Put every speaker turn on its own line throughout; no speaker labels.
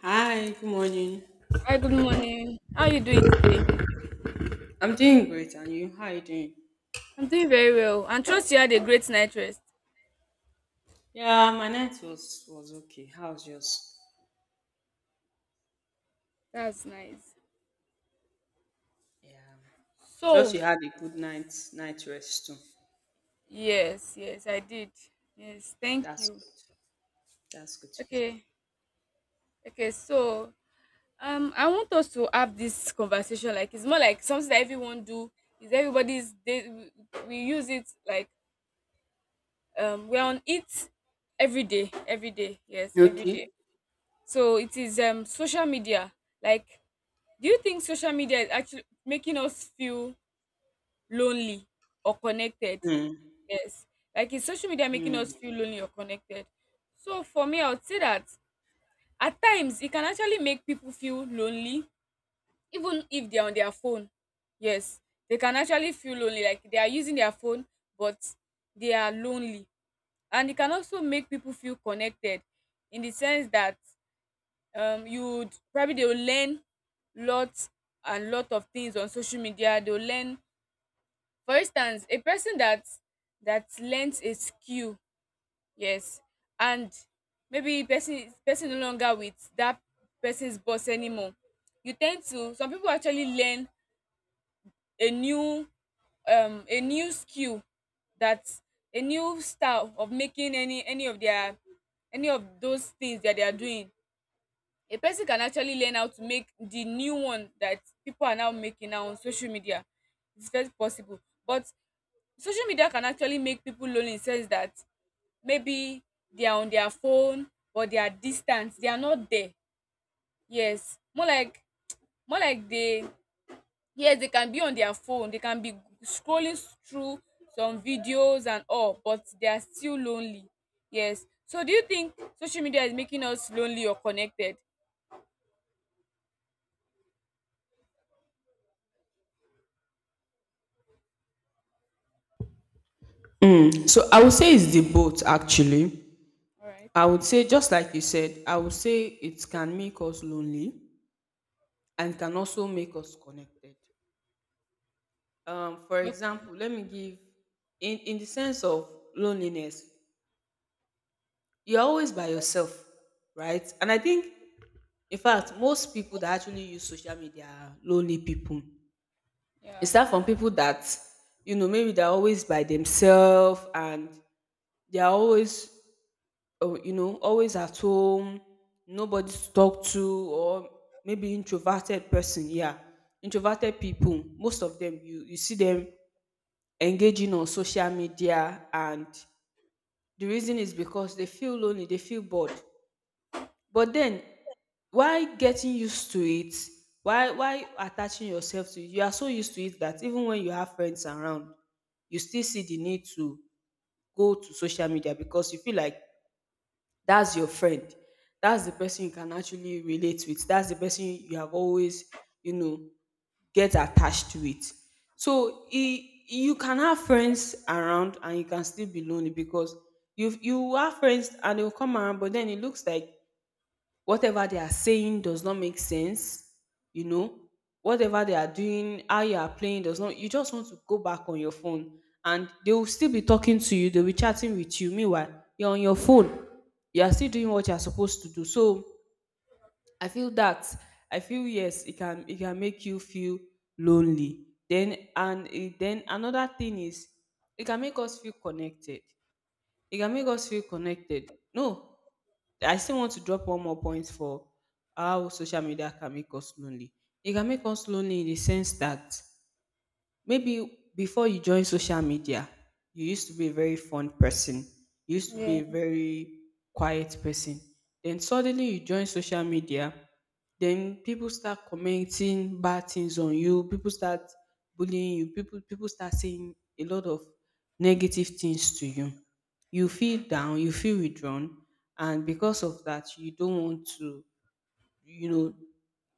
Hi, good morning.
Hi, good morning. How are you doing today?
I'm doing great, and you? How are you doing?
I'm doing very well. And trust you had a great night rest.
Yeah, my night was okay. How's yours?
That's nice.
Yeah, trust
So,
you had a good night rest too.
yes, I did. Yes, thank
That's
you.
good. That's good to hear.
Okay, okay, so I want us to have this conversation. Like it's more like something that everyone do. Is everybody's they We use it like we're on it every day, yes, every day.
Okay.
So it is social media. Like, do you think social media is actually making us feel lonely or connected?
Mm,
Yes. Like is social media making us
mm,
feel lonely or connected? So for me, I would say that at times it can actually make people feel lonely, even if they're on their phone. Yes, they can actually feel lonely, like they are using their phone, but they are lonely. And it can also make people feel connected in the sense that you'd probably they will learn lots and lot of things on social media. They'll learn, for instance, a person that learnt a skill, yes, and maybe person no longer with that person's boss anymore. You tend to, some people actually learn a new a new skill, that a new style of making any of their any of those things that they are doing. A person can actually learn how to make the new one that people are now making now on social media. It's very possible. But social media can actually make people lonely in sense that maybe they are on their phone, or they are distant, they are not there. Yes, more like, more like they yes, they can be on their phone, they can be scrolling through some videos and all, but they are still lonely. Yes, so do you think social media is making us lonely or connected?
Mm. So I would say it's the both actually.
All right.
I would say just like you said, I would say it can make us lonely and can also make us connected. For
Okay.
example, let me give in the sense of loneliness. You're always by yourself, right? And I think, in fact, most people that actually use social media are lonely people.
Yeah.
It's that from people that, maybe they're always by themselves, and they're always, oh, always at home, nobody to talk to, or maybe introverted person. Yeah, introverted people. Most of them, you see them engaging on social media, and the reason is because they feel lonely, they feel bored. But then, why getting used to it? Why attaching yourself to it? You are so used to it that even when you have friends around, you still see the need to go to social media because you feel like that's your friend. That's the person you can actually relate with. That's the person you have always, you know, get attached to it. So e you can have friends around and you can still be lonely because you have friends and they'll come around, but then it looks like whatever they are saying does not make sense. you know Whatever they are doing, how you are playing does not, you just want to go back on your phone, and they will still be talking to you, they'll be chatting with you, meanwhile you're on your phone, you are still doing what you're supposed to do. So i feel that i feel, yes, it can make you feel lonely. Then another thing is it can make us feel connected. It can make us feel connected. No, I still want to drop one more point for how social media can make us lonely. It can make us lonely in the sense that maybe before you joined social media, you used to be a very fun person. You used to be
Yeah.
a very quiet person. Then suddenly you join social media, then people start commenting bad things on you. People start bullying you. People start saying a lot of negative things to you. You feel down, you feel withdrawn, and because of that, you don't want to, you know,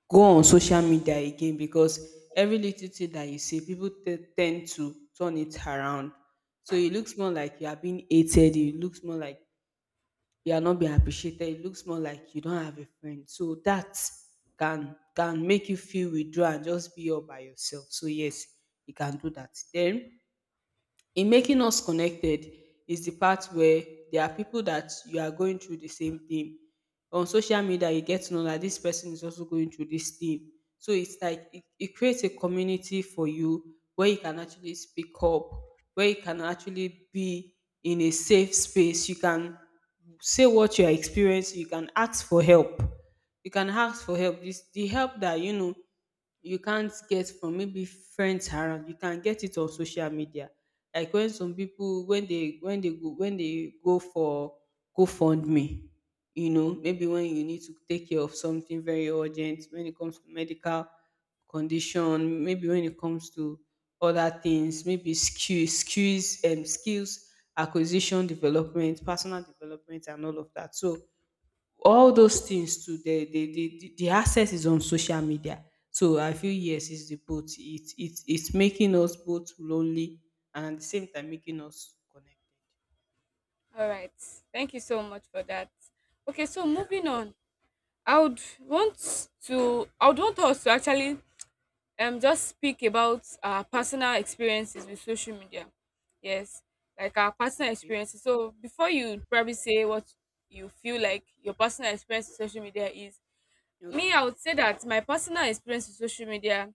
go on social media again, because every little thing that you say, people tend to turn it around. So it looks more like you are being hated. It looks more like you are not being appreciated. It looks more like you don't have a friend. So that can make you feel withdrawn and just be all by yourself. So yes, you can do that. Then, in making us connected is the part where there are people that you are going through the same thing. On social media, you get to know that this person is also going through this thing. So it's like it creates a community for you where you can actually speak up, where you can actually be in a safe space. You can say what you are experiencing, you can ask for help. You can ask for help. This the help that you know you can't get from maybe friends around. You can get it on social media, like when some people when they when they go for GoFundMe. Maybe when you need to take care of something very urgent, when it comes to medical condition, maybe when it comes to other things, maybe skills acquisition, development, personal development, and all of that. So all those things too, the access is on social media. So I feel, yes, it's the both. It's making us both lonely and at the same time making us connected.
All right, thank you so much for that. Okay, so
Yeah.
moving on, I would I would want us to actually just speak about our personal experiences with social media. Yes, like our personal
Okay.
experiences. So before you probably say what you feel like your personal experience with social media is, me
Okay.
I would say that my personal experience with social media,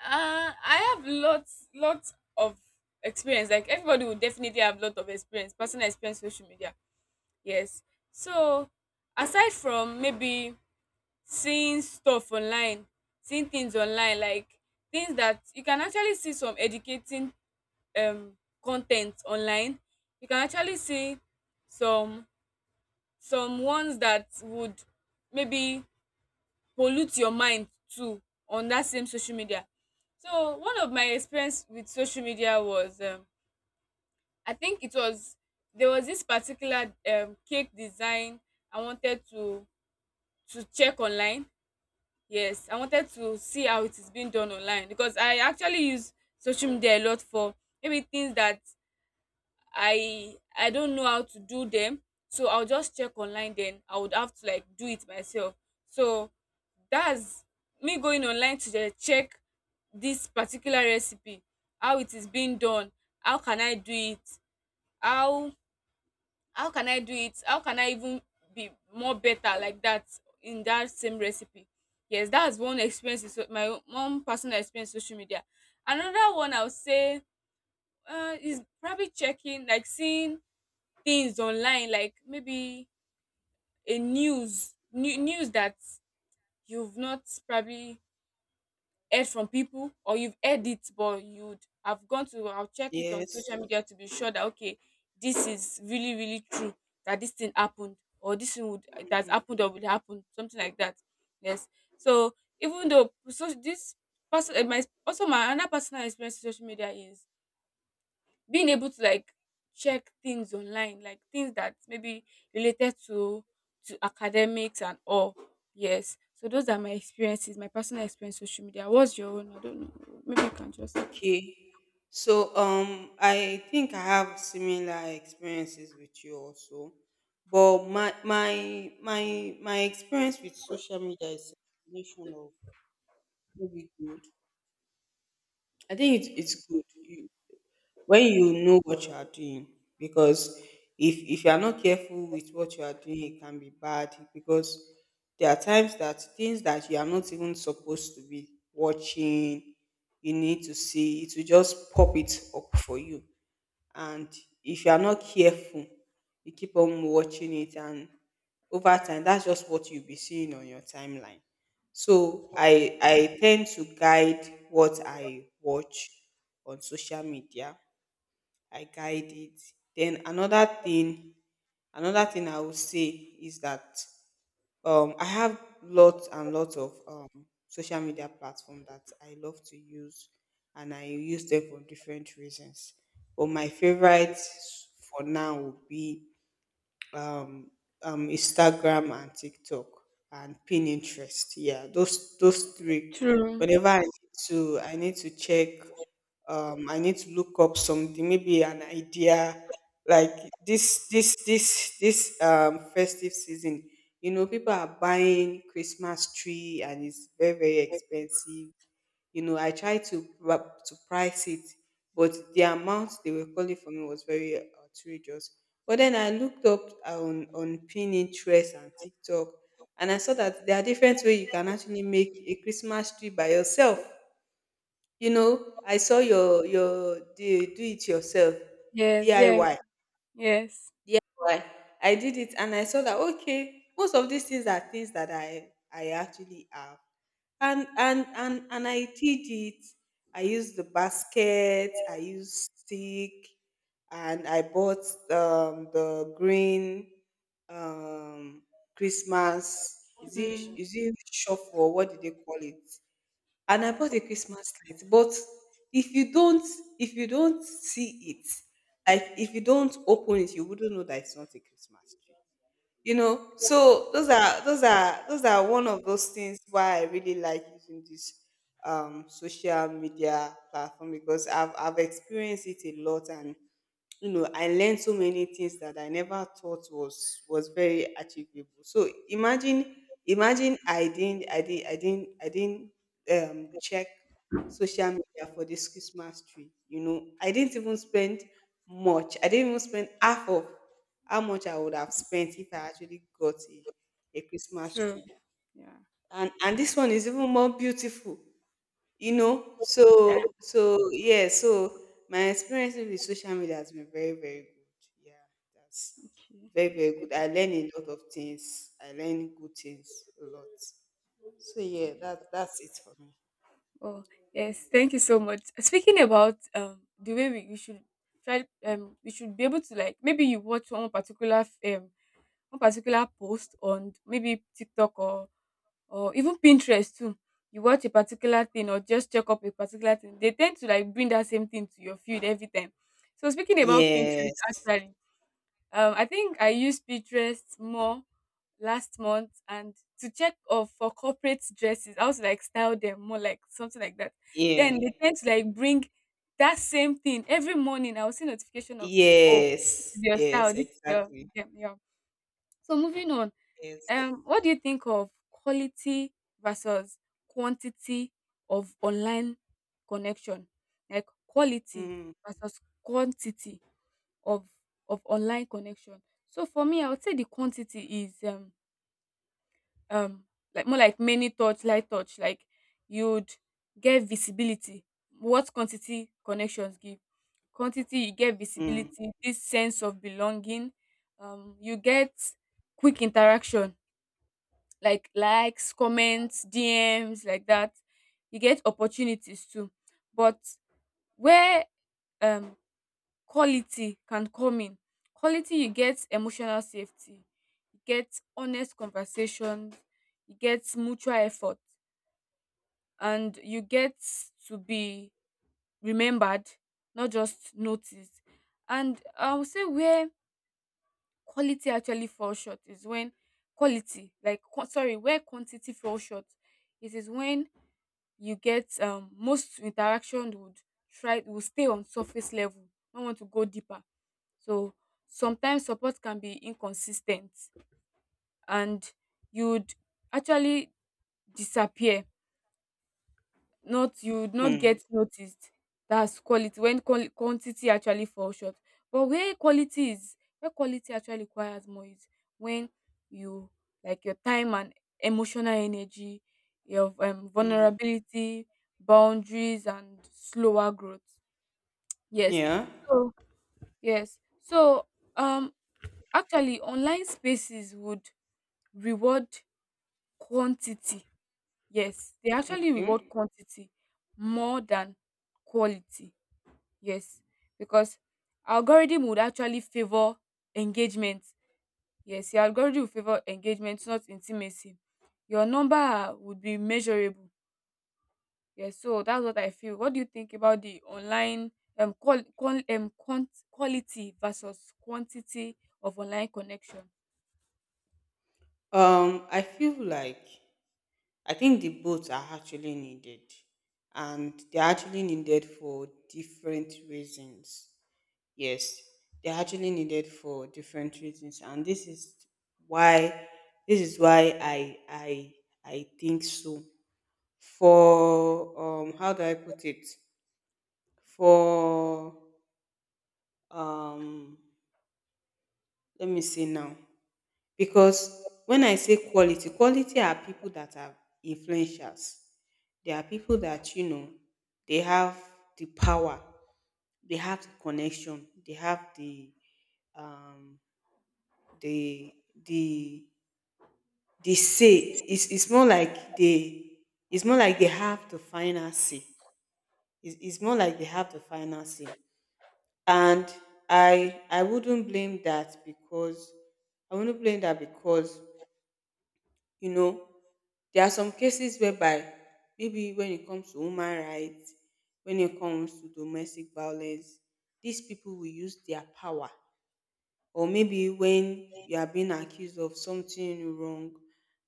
I have lots of experience. Like everybody will definitely have lot of experience, personal experience with social media. Yes. So aside from maybe seeing stuff online, seeing things online, like things that you can actually see, some educating um con ten t online, you can actually see some some ones that would maybe pollute your mind too on that same social media. So one of my experience with social media was, I think it was there was this particular cake design. I wanted to check online. Yes, I wanted to see how it is being done online because I actually use social media a lot for maybe things that I don't know how to do them. So I'll just check online, then I would have to like do it myself. So that's me going online to the check this particular recipe, how it is being done, how can I do it, how how can I do it, how can I even be more better like that in that same recipe. Yes, that's one experience, is my own one personal experience with social media. Another one I would say, is probably checking, like seeing things online like maybe news that you've not probably heard from people, or you've heard it but you'd have gone to, I'll check it on
Yes.
social media to be sure that, okay, this is really really true, that this thing happened or this thing would, that's happened or would happen, something like that. Yes. So, even though so this person my also my another personal experience with social media is being able to like check things online, like things that maybe related to academics and all. Yes, so those are my experiences, my personal experience with social media. What's your own? I don't know, maybe you can just.
Okay. So I think I have similar experiences with you also. But my experience with social media is a combination of maybe good. I think it's good. You, when you know what you are doing, because if you are not careful with what you are doing, it can be bad, because there are times that things that you are not even supposed to be watching, you need to see, it will just pop it up for you. And if you are not careful, you keep on watching it, and over time that's just what you'll be seeing on your timeline. So I tend to guide what I watch on social media. I guide it. Then another thing I would say is that, I have lots and lots of social media platform that I love to use, and I use them for different reasons. But my favorite for now would be um, Instagram and TikTok and Pinterest. Yeah, those three.
True.
Whenever I need to check. I need to look up something, maybe an idea. Like this festive season. People are buying Christmas tree, and it's very, very expensive. I tried to price it, but the amount they were calling for me was very outrageous. But then I looked up on Pinterest and TikTok, and I saw that there are different ways you can actually make a Christmas tree by yourself. I saw your the do it yourself,
Yes. Yeah.
DIY.
Yes.
I Y. I did it and I saw that okay, most of these things are things that I actually have. And I did it. I used the basket, I used stick, and I bought, the green, um, Christmas. Is it,
Mm,
is it shuffle? What did they call it? And I bought a Christmas light. But if you don't if you don't see it, like if you don't open it, you wouldn't know that it's not a Christmas tree. So those are one of those things why I really like using this social media platform, because I've experienced it a lot. And I learned so many things that I never thought was very achievable. So imagine I didn't check social media for this Christmas tree. I didn't even spend much. I didn't even spend half of how much I would have spent if I actually got a Christmas
true.
tree.
Yeah.
And this one is even more beautiful. So yeah, so my experience with social media has been very, very good. Yeah. That's very, very good. I learn a lot of things. I learn good things a lot. So yeah, that's it for me.
Oh, yes, thank you so much. Speaking about the way we should try, we should be able to, like, maybe you watch one particular one particular post on maybe TikTok, or even Pinterest too. You watch a particular thing, or just check up a particular thing, they tend to like bring that same thing to your feed every time. So speaking about Pinterest,
Yes.
actually, I think I used Pinterest more last month and to check of for corporate dresses. I was like style them more like something like that.
Yeah.
Then they tend to like bring that same thing every morning. I will see notification of, oh,
Yes,
this is your
yes,
style, this is your,
exactly.
yeah, yeah. So moving on,
Yes.
what do you think of quality versus quantity of online connection? Like quality
Mm.
versus quantity of online connection. So for me, I would say the quantity is um like more like many touch, light touch. Like you'd get visibility. What quantity connections give? Quantity, you get
Mm.
visibility, this sense of belonging. You get quick interaction like likes, comments, DMs, like that. You get opportunities too. But where um quality can come in, quality you get emotional safety, you get honest conversations, you get mutual effort, and you get to be remembered, not just noticed. And I would say where quality actually falls short is when quality, like sorry, where quantity falls short, it is when you get, most interaction would try will stay on surface level, not want to go deeper. So sometimes support can be inconsistent, and you'd actually disappear, not, you would not
Mm.
get noticed. That's quality, when quantity actually falls short. But where quality is, where quality actually requires more, is when you, like your time and emotional energy, your
Mm.
vulnerability, boundaries, and slower growth. Yes.
Yeah.
So yes. So um, actually, online spaces would reward quantity. Yes, they actually reward
Okay.
quantity more than quality. Yes, because algorithm would actually favor engagement. Yes, your algorithm will favor engagement, not intimacy. Your number would be measurable. Yes, so that's what I feel. What do you think about the online quality versus quantity of online connection?
I feel like, I think the both are actually needed, and they're actually needed for different reasons. Yes, they're actually needed for different reasons, and why this is why I think so. For, how do I put it? For, um, let me see now. Because when I say quality, quality are people that are influencers. They are people that, they have the power, they have the connection, they have um the the the say. It's more like they have the final say. It's more like they have the final say. And I wouldn't blame that because I wouldn't blame that because, You know, there are some cases whereby maybe when it comes to human rights, when it comes to domestic violence, these people will use their power. Or maybe when you are being accused of something wrong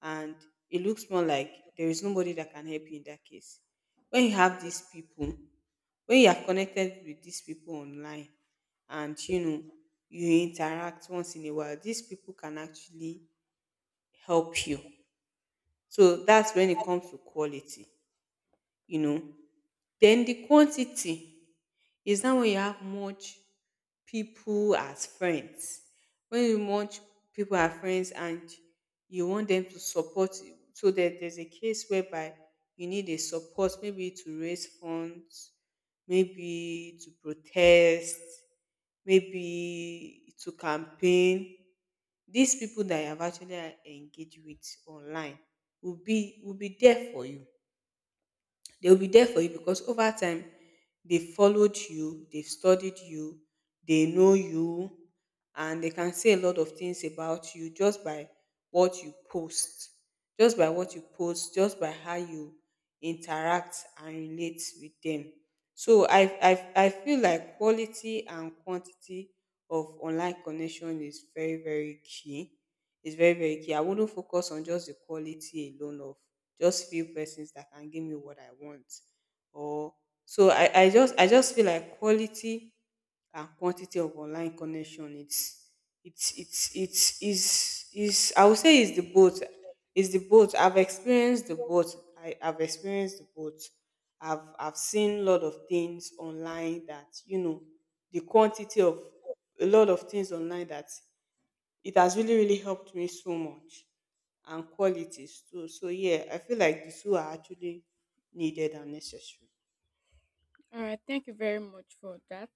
and it looks more like there is nobody that can help you in that case. When you have these people, when you are connected with these people online and, you interact once in a while, these people can actually help you. So that's when it comes to quality, you know. Then the quantity is now when you have much people as friends. When you want people as friends and you want them to support you, so that there's a case whereby you need a support, maybe to raise funds, maybe to protest, maybe to campaign. These people that you have actually engaged with online will be there for you. They'll be there for you because over time they followed you, they've studied you, they know you, and they can say a lot of things about you just by what you post, just by what you post, just by how you interact and relate with them. So I feel like quality and quantity of online connection is very very key. It's very very key. I wouldn't focus on just the quality alone of just few persons that can give me what I want. Or so I just feel like quality and quantity of online connection it's is I would say is the both. It's the both. I've experienced the both. I've experienced the both. I've seen a lot of things online that the quantity of a lot of things online that it has really, really helped me so much and qualities too. So yeah, I feel like the two are actually needed and necessary.
All right, thank you very much for that.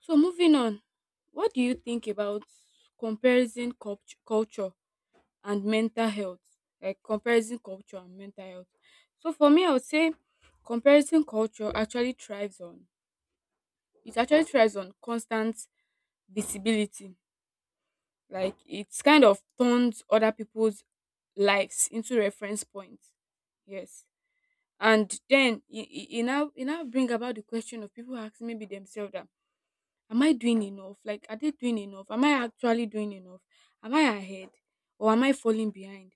So moving on, what do you think about comparison culture and mental health? Like comparison culture and mental health. So for me, I would say comparison culture actually thrives on, it actually thrives on constant visibility. Like it's kind of turns other people's lives into reference points. Yes. And then it now bring about the question of people asking maybe themselves that, am I doing enough? Like, are they doing enough? Am I actually doing enough? Am I ahead or am I falling behind?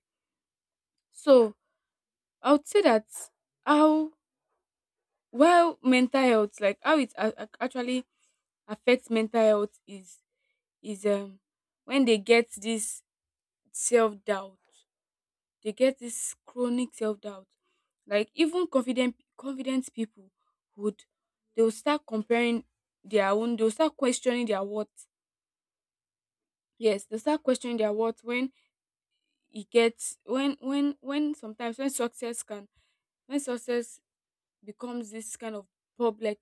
So, I would say that how well mental health, like how it actually affects mental health, is when they get this self doubt, they get this chronic self doubt. Like even confident people would, they will start comparing their own, they will start questioning their worth. Yes, they start questioning their worth when, it gets when sometimes when success can, when success becomes this kind of public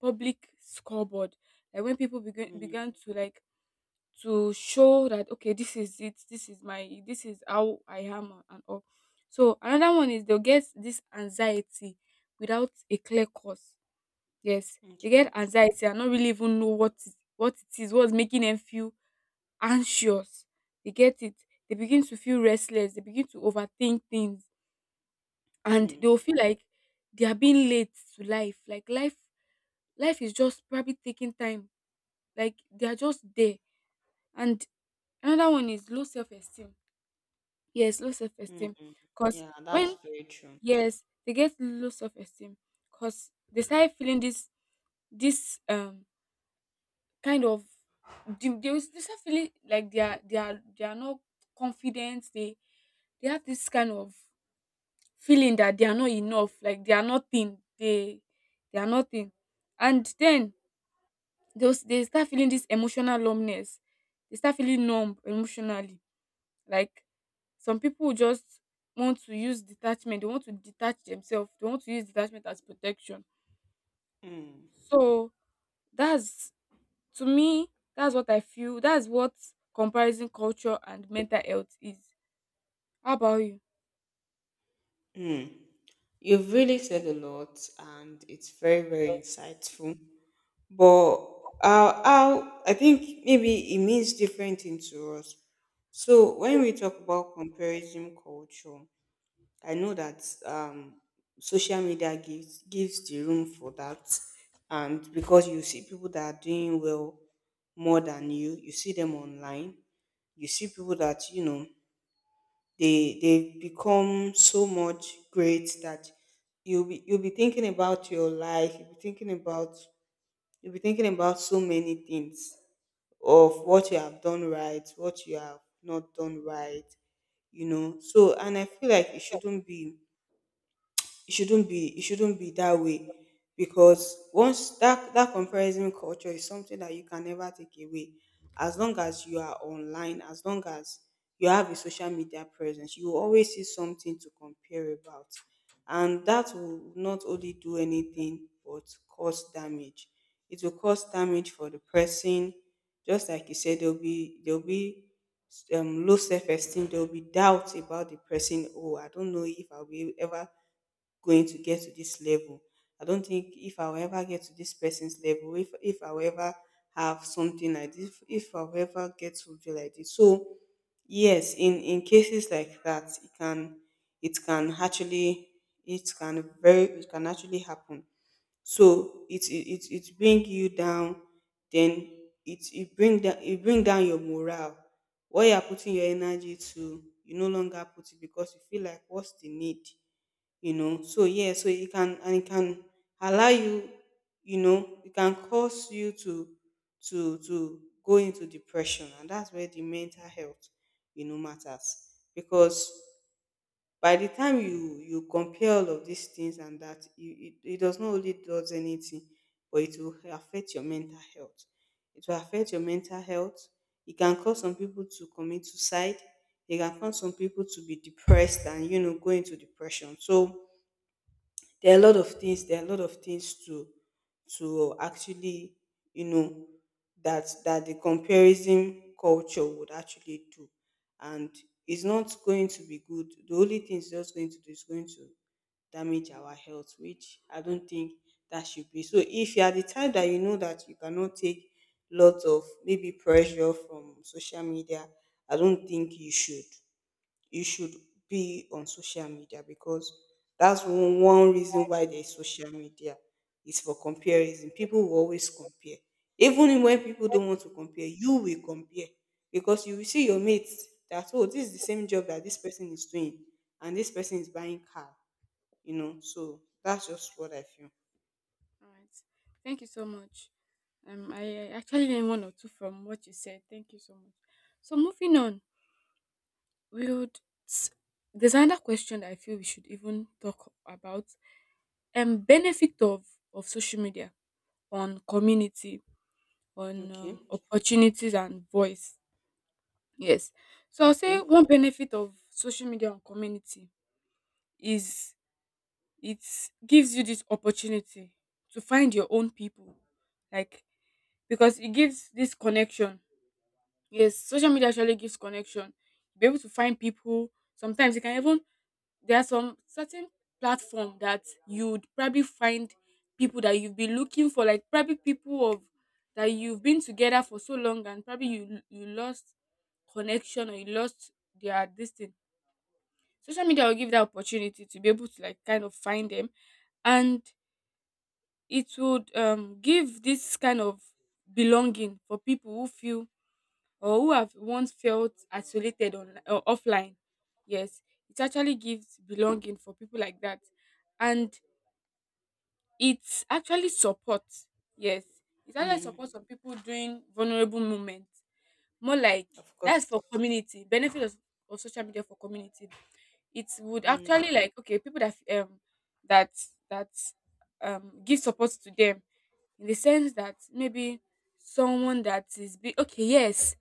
public scoreboard, like when people begin
Mm,
began to like to show that, okay, this is it, this is my, this is how I am and all. So another one is, they'll get this anxiety without a clear cause. Yes, they get
okay.
anxiety and not really even know what what it is, what's making them feel anxious. They get it? They begin to feel restless. They begin to overthink things, and they
Mm,
will feel like they are being late to life. Like life, life is just probably taking time. Like they are just there. And another one is low self esteem. Yes, low self
mm,
esteem.
mm.
Cause
Yeah, that's
when,
very true.
yes, they get low self esteem, cause they start feeling this, this kind of, they will they start feeling like they are, they are not confident. They have this kind of feeling that they are not enough, like they are nothing, they are nothing. And then they start feeling this emotional numbness. They start feeling numb emotionally, like, some people just want to use detachment, they want to detach themselves, they want to use detachment as protection.
Mm,
So that's, to me, that's what I feel. That's what comparison culture and mental health is. How about you?
mm. You've really said a lot, and it's very, very insightful. But how I think maybe it means different things to us. So when we talk about comparison culture, I know that social media gives the room for that, and because you see people that are doing well more than you, you see them online. You see people that you know they become so much great that you'll be thinking about your life. You'll be thinking about you'll be thinking about so many things of what you have done right, what you have not done right. You know, so and I feel like it shouldn't be it shouldn't be it shouldn't be that way because once that comparison culture is something that you can never take away. As long as you are online, as long as you have a social media presence, you will always see something to compare about, and that will not only do anything but cause damage. It will cause damage for the person. Just like you said, there'll be low self-esteem. There will be doubt about the person. Oh, I don't know if I'll be ever going to get to this level. I don't think if I'll ever get to this person's level, if I'll ever have something like this, if I'll ever get something like this. So yes, in cases like that, it can actually it can actually happen. So it bring you down, then it it bring down your morale. What you are putting your energy to, you no longer put it because you feel like what's the need, you know. So yeah, so it can allow you, you know, it can cause you to to go into depression, and that's where the mental health, you know, matters. Because by the time you you compare all of these things and that you, it does not only does anything but it will affect your mental health. It will affect your mental health. It can cause some people to commit suicide. It can cause some people to be depressed and you know go into depression. So there are a lot of things. There are a lot of things to actually, you know, that that the comparison culture would actually do, and it's not going to be good. The only thing it's just going to do is going to damage our health, which I don't think that should be. So if you are the type that you know that you cannot take lots of maybe pressure from social media, I don't think you should be on social media because that's one, one reason why there's social media is for comparison. People will always compare. Even when people don't want to compare, you will compare because you will see your mates that, oh, this is the same job that this person is doing and this person is buying car, you know. So that's just what I feel.
All right. Thank you so much. I actually learned one or two from what you said. Thank you so much. So moving on, we would. s- There's another question that I feel we should even talk about. Benefit of social media on community, on
Okay.
opportunities and voice. Yes. So I'll say
Okay.
one benefit of social media on community is it gives you this opportunity to find your own people, like because it gives this connection. Yes, social media actually gives connection, be able to find people. Sometimes you can even, there are some certain platform that you'd probably find people that you've been looking for, like probably people of that you've been together for so long and probably you lost connection or you lost their this thing. Social media will give that opportunity to be able to like kind of find them. And it would give this kind of belonging for people who feel or who have once felt isolated on or offline. Yes, it actually gives belonging for people like that. And it's actually support. Yes, it actually
Mm,
support some people during vulnerable moments, more like
of course.
that's for community, benefit of social media for community. It would
Mm,
actually like okay, people that that that give support to them, in the sense that maybe someone that is be okay. Yes,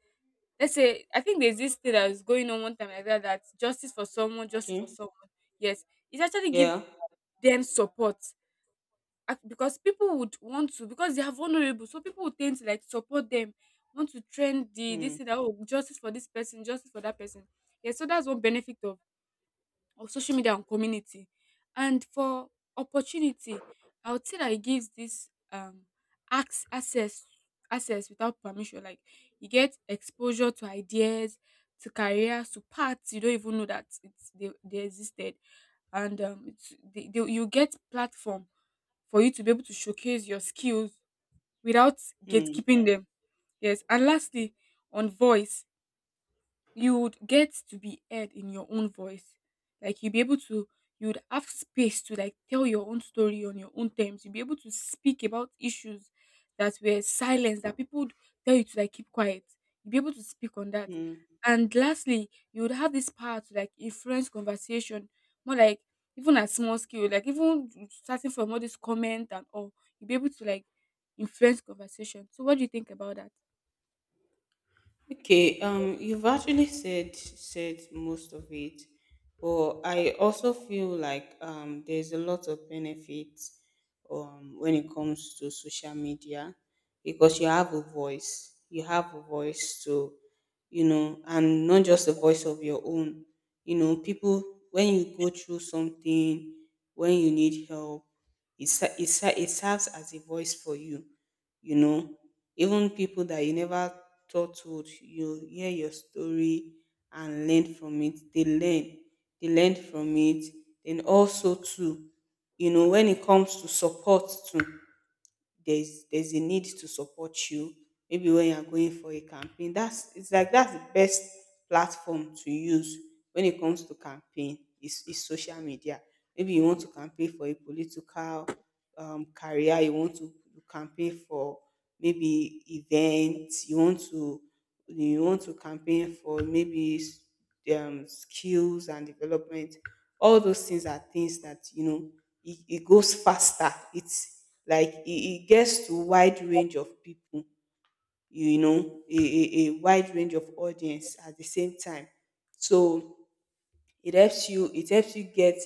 let's say I think there's this thing that was going on one time like that, that justice for someone, justice for
okay.
someone. Yes, it actually give
Yeah.
them support. Because people would want to, because they are vulnerable, so people would tend to like support them, want to trend the this
Mm,
thing that oh, justice for this person, justice for that person. Yeah, so that's one benefit of social media and community. And for opportunity, I would say that it gives this access, access without permission. Like you get exposure to ideas, to careers, to paths you don't even know that it's they existed, and it's, you get platform for you to be able to showcase your skills without
mm,
gatekeeping them. Yes, and lastly, on voice, you would get to be heard in your own voice. Like you'd be able to, you would have space to like tell your own story on your own terms. You'd be able to speak about issues that were silenced, that people would tell you to like keep quiet. You'd be able to speak on that.
mm.
And lastly, you would have this power to like influence conversation, more like even at small scale, like even starting from all this comment and all, you'd be able to like influence conversation. So what do you think about that?
Okay, you've actually said most of it, but I also feel like there's a lot of benefits when it comes to social media because you have a voice. You have a voice to, you know, and not just a voice of your own. You know, people, when you go through something, when you need help, it serves as a voice for you, you know. Even people that you never thought would, you hear your story and learn from it. They learn from it. Then also too, you know, when it comes to support too, there's a need to support you. Maybe when you're going for a campaign, that's it's like that's the best platform to use when it comes to campaign is social media. Maybe you want to campaign for a political career. You want to campaign for maybe events. You want to you want to campaign for maybe skills and development. All those things are things that you know it, it goes faster. It's like it gets to wide range of people, you know, a wide range of audience at the same time. So it helps you get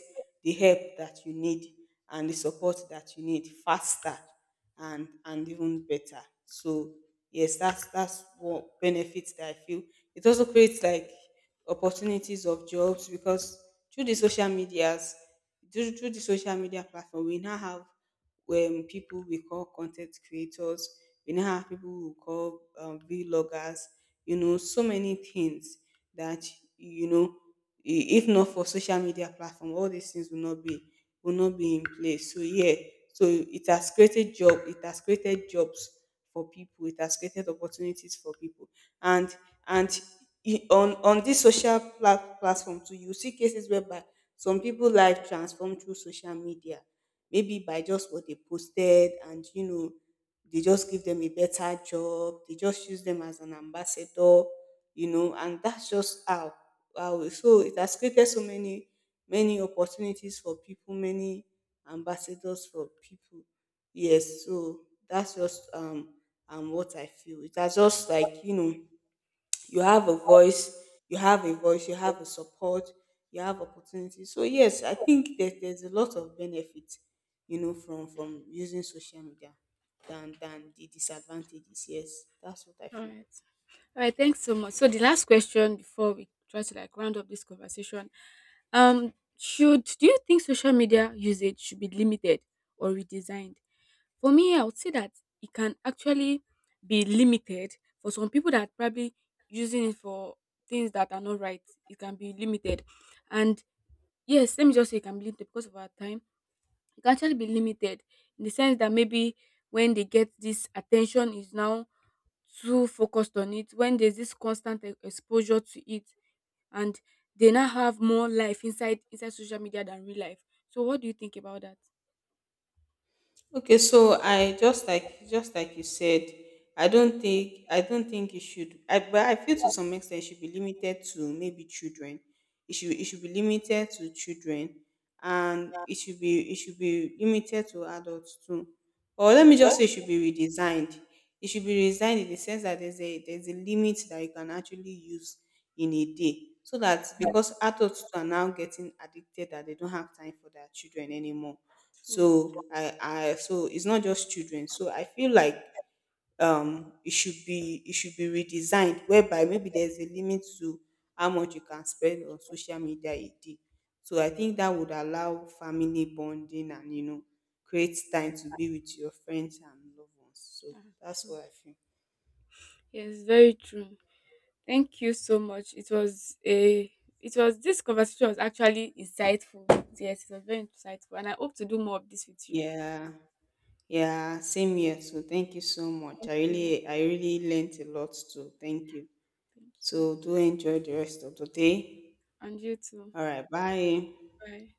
the help that you need and the support that you need faster and even better. So yes, that's one benefit that I feel. It also creates like opportunities of jobs because through the social medias, through the social media platform, we now have people we call content creators. We now have people we call vloggers, you know, so many things that, you know, if not for social media platform, all these things will not be in place. So yeah, so it has created job. It has created jobs for people. It has created opportunities for people. and and on this social platform too, you see cases whereby some people life transform through social media. Maybe by just what they posted, and you know they just give them a better job, they just use them as an ambassador, you know, and that's just how. Wow, so it has created so many many opportunities for people, many ambassadors for people. Yes, so that's just what I feel. It has just, like, you know, you have a voice, you have a voice, you have a support, you have opportunities. So yes, I think that there's a lot of benefits, you know, from using social media than the disadvantages. Yes, that's what I
All
feel.
right. All right, thanks so much. So the last question before we try to like round up this conversation, should do you think social media usage should be limited or redesigned? For me, I would say that it can actually be limited for some people that probably using it for things that are not right. It can be limited, and yes, let me just say it can be limited. Because of our time, it can actually be limited in the sense that maybe when they get this attention is now too focused on it, when there's this constant exposure to it, and they now have more life inside social media than real life. So what do you think about that?
Okay, so I just like you said, I don't think it should. I, but I feel to some extent it should be limited to maybe children. It should it
Yeah,
should be limited to children, and it should be limited to adults too. Or let me just say it should be redesigned. It should be redesigned in the sense that there's a limit that you can actually use in a day, so that because adults are now getting addicted, that they don't have time for their children anymore.
true.
So I so it's not just children, so I feel like it should be redesigned whereby maybe there's a limit to how much you can spend on social media a day. So I think that would allow family bonding and you know create time to be with your friends and loved ones. So
Yeah,
that's
true.
what I feel.
Yes, very true. Thank you so much. It was a It was, this conversation was actually insightful. Yes, it was very insightful and I hope to do more of this with you.
Yeah, yeah, same here. So thank you so much,
Thank
I
you.
really I really learnt a lot too. Thank you.
Thank you.
So do enjoy the rest of the day.
And you too.
All right, bye.
Bye.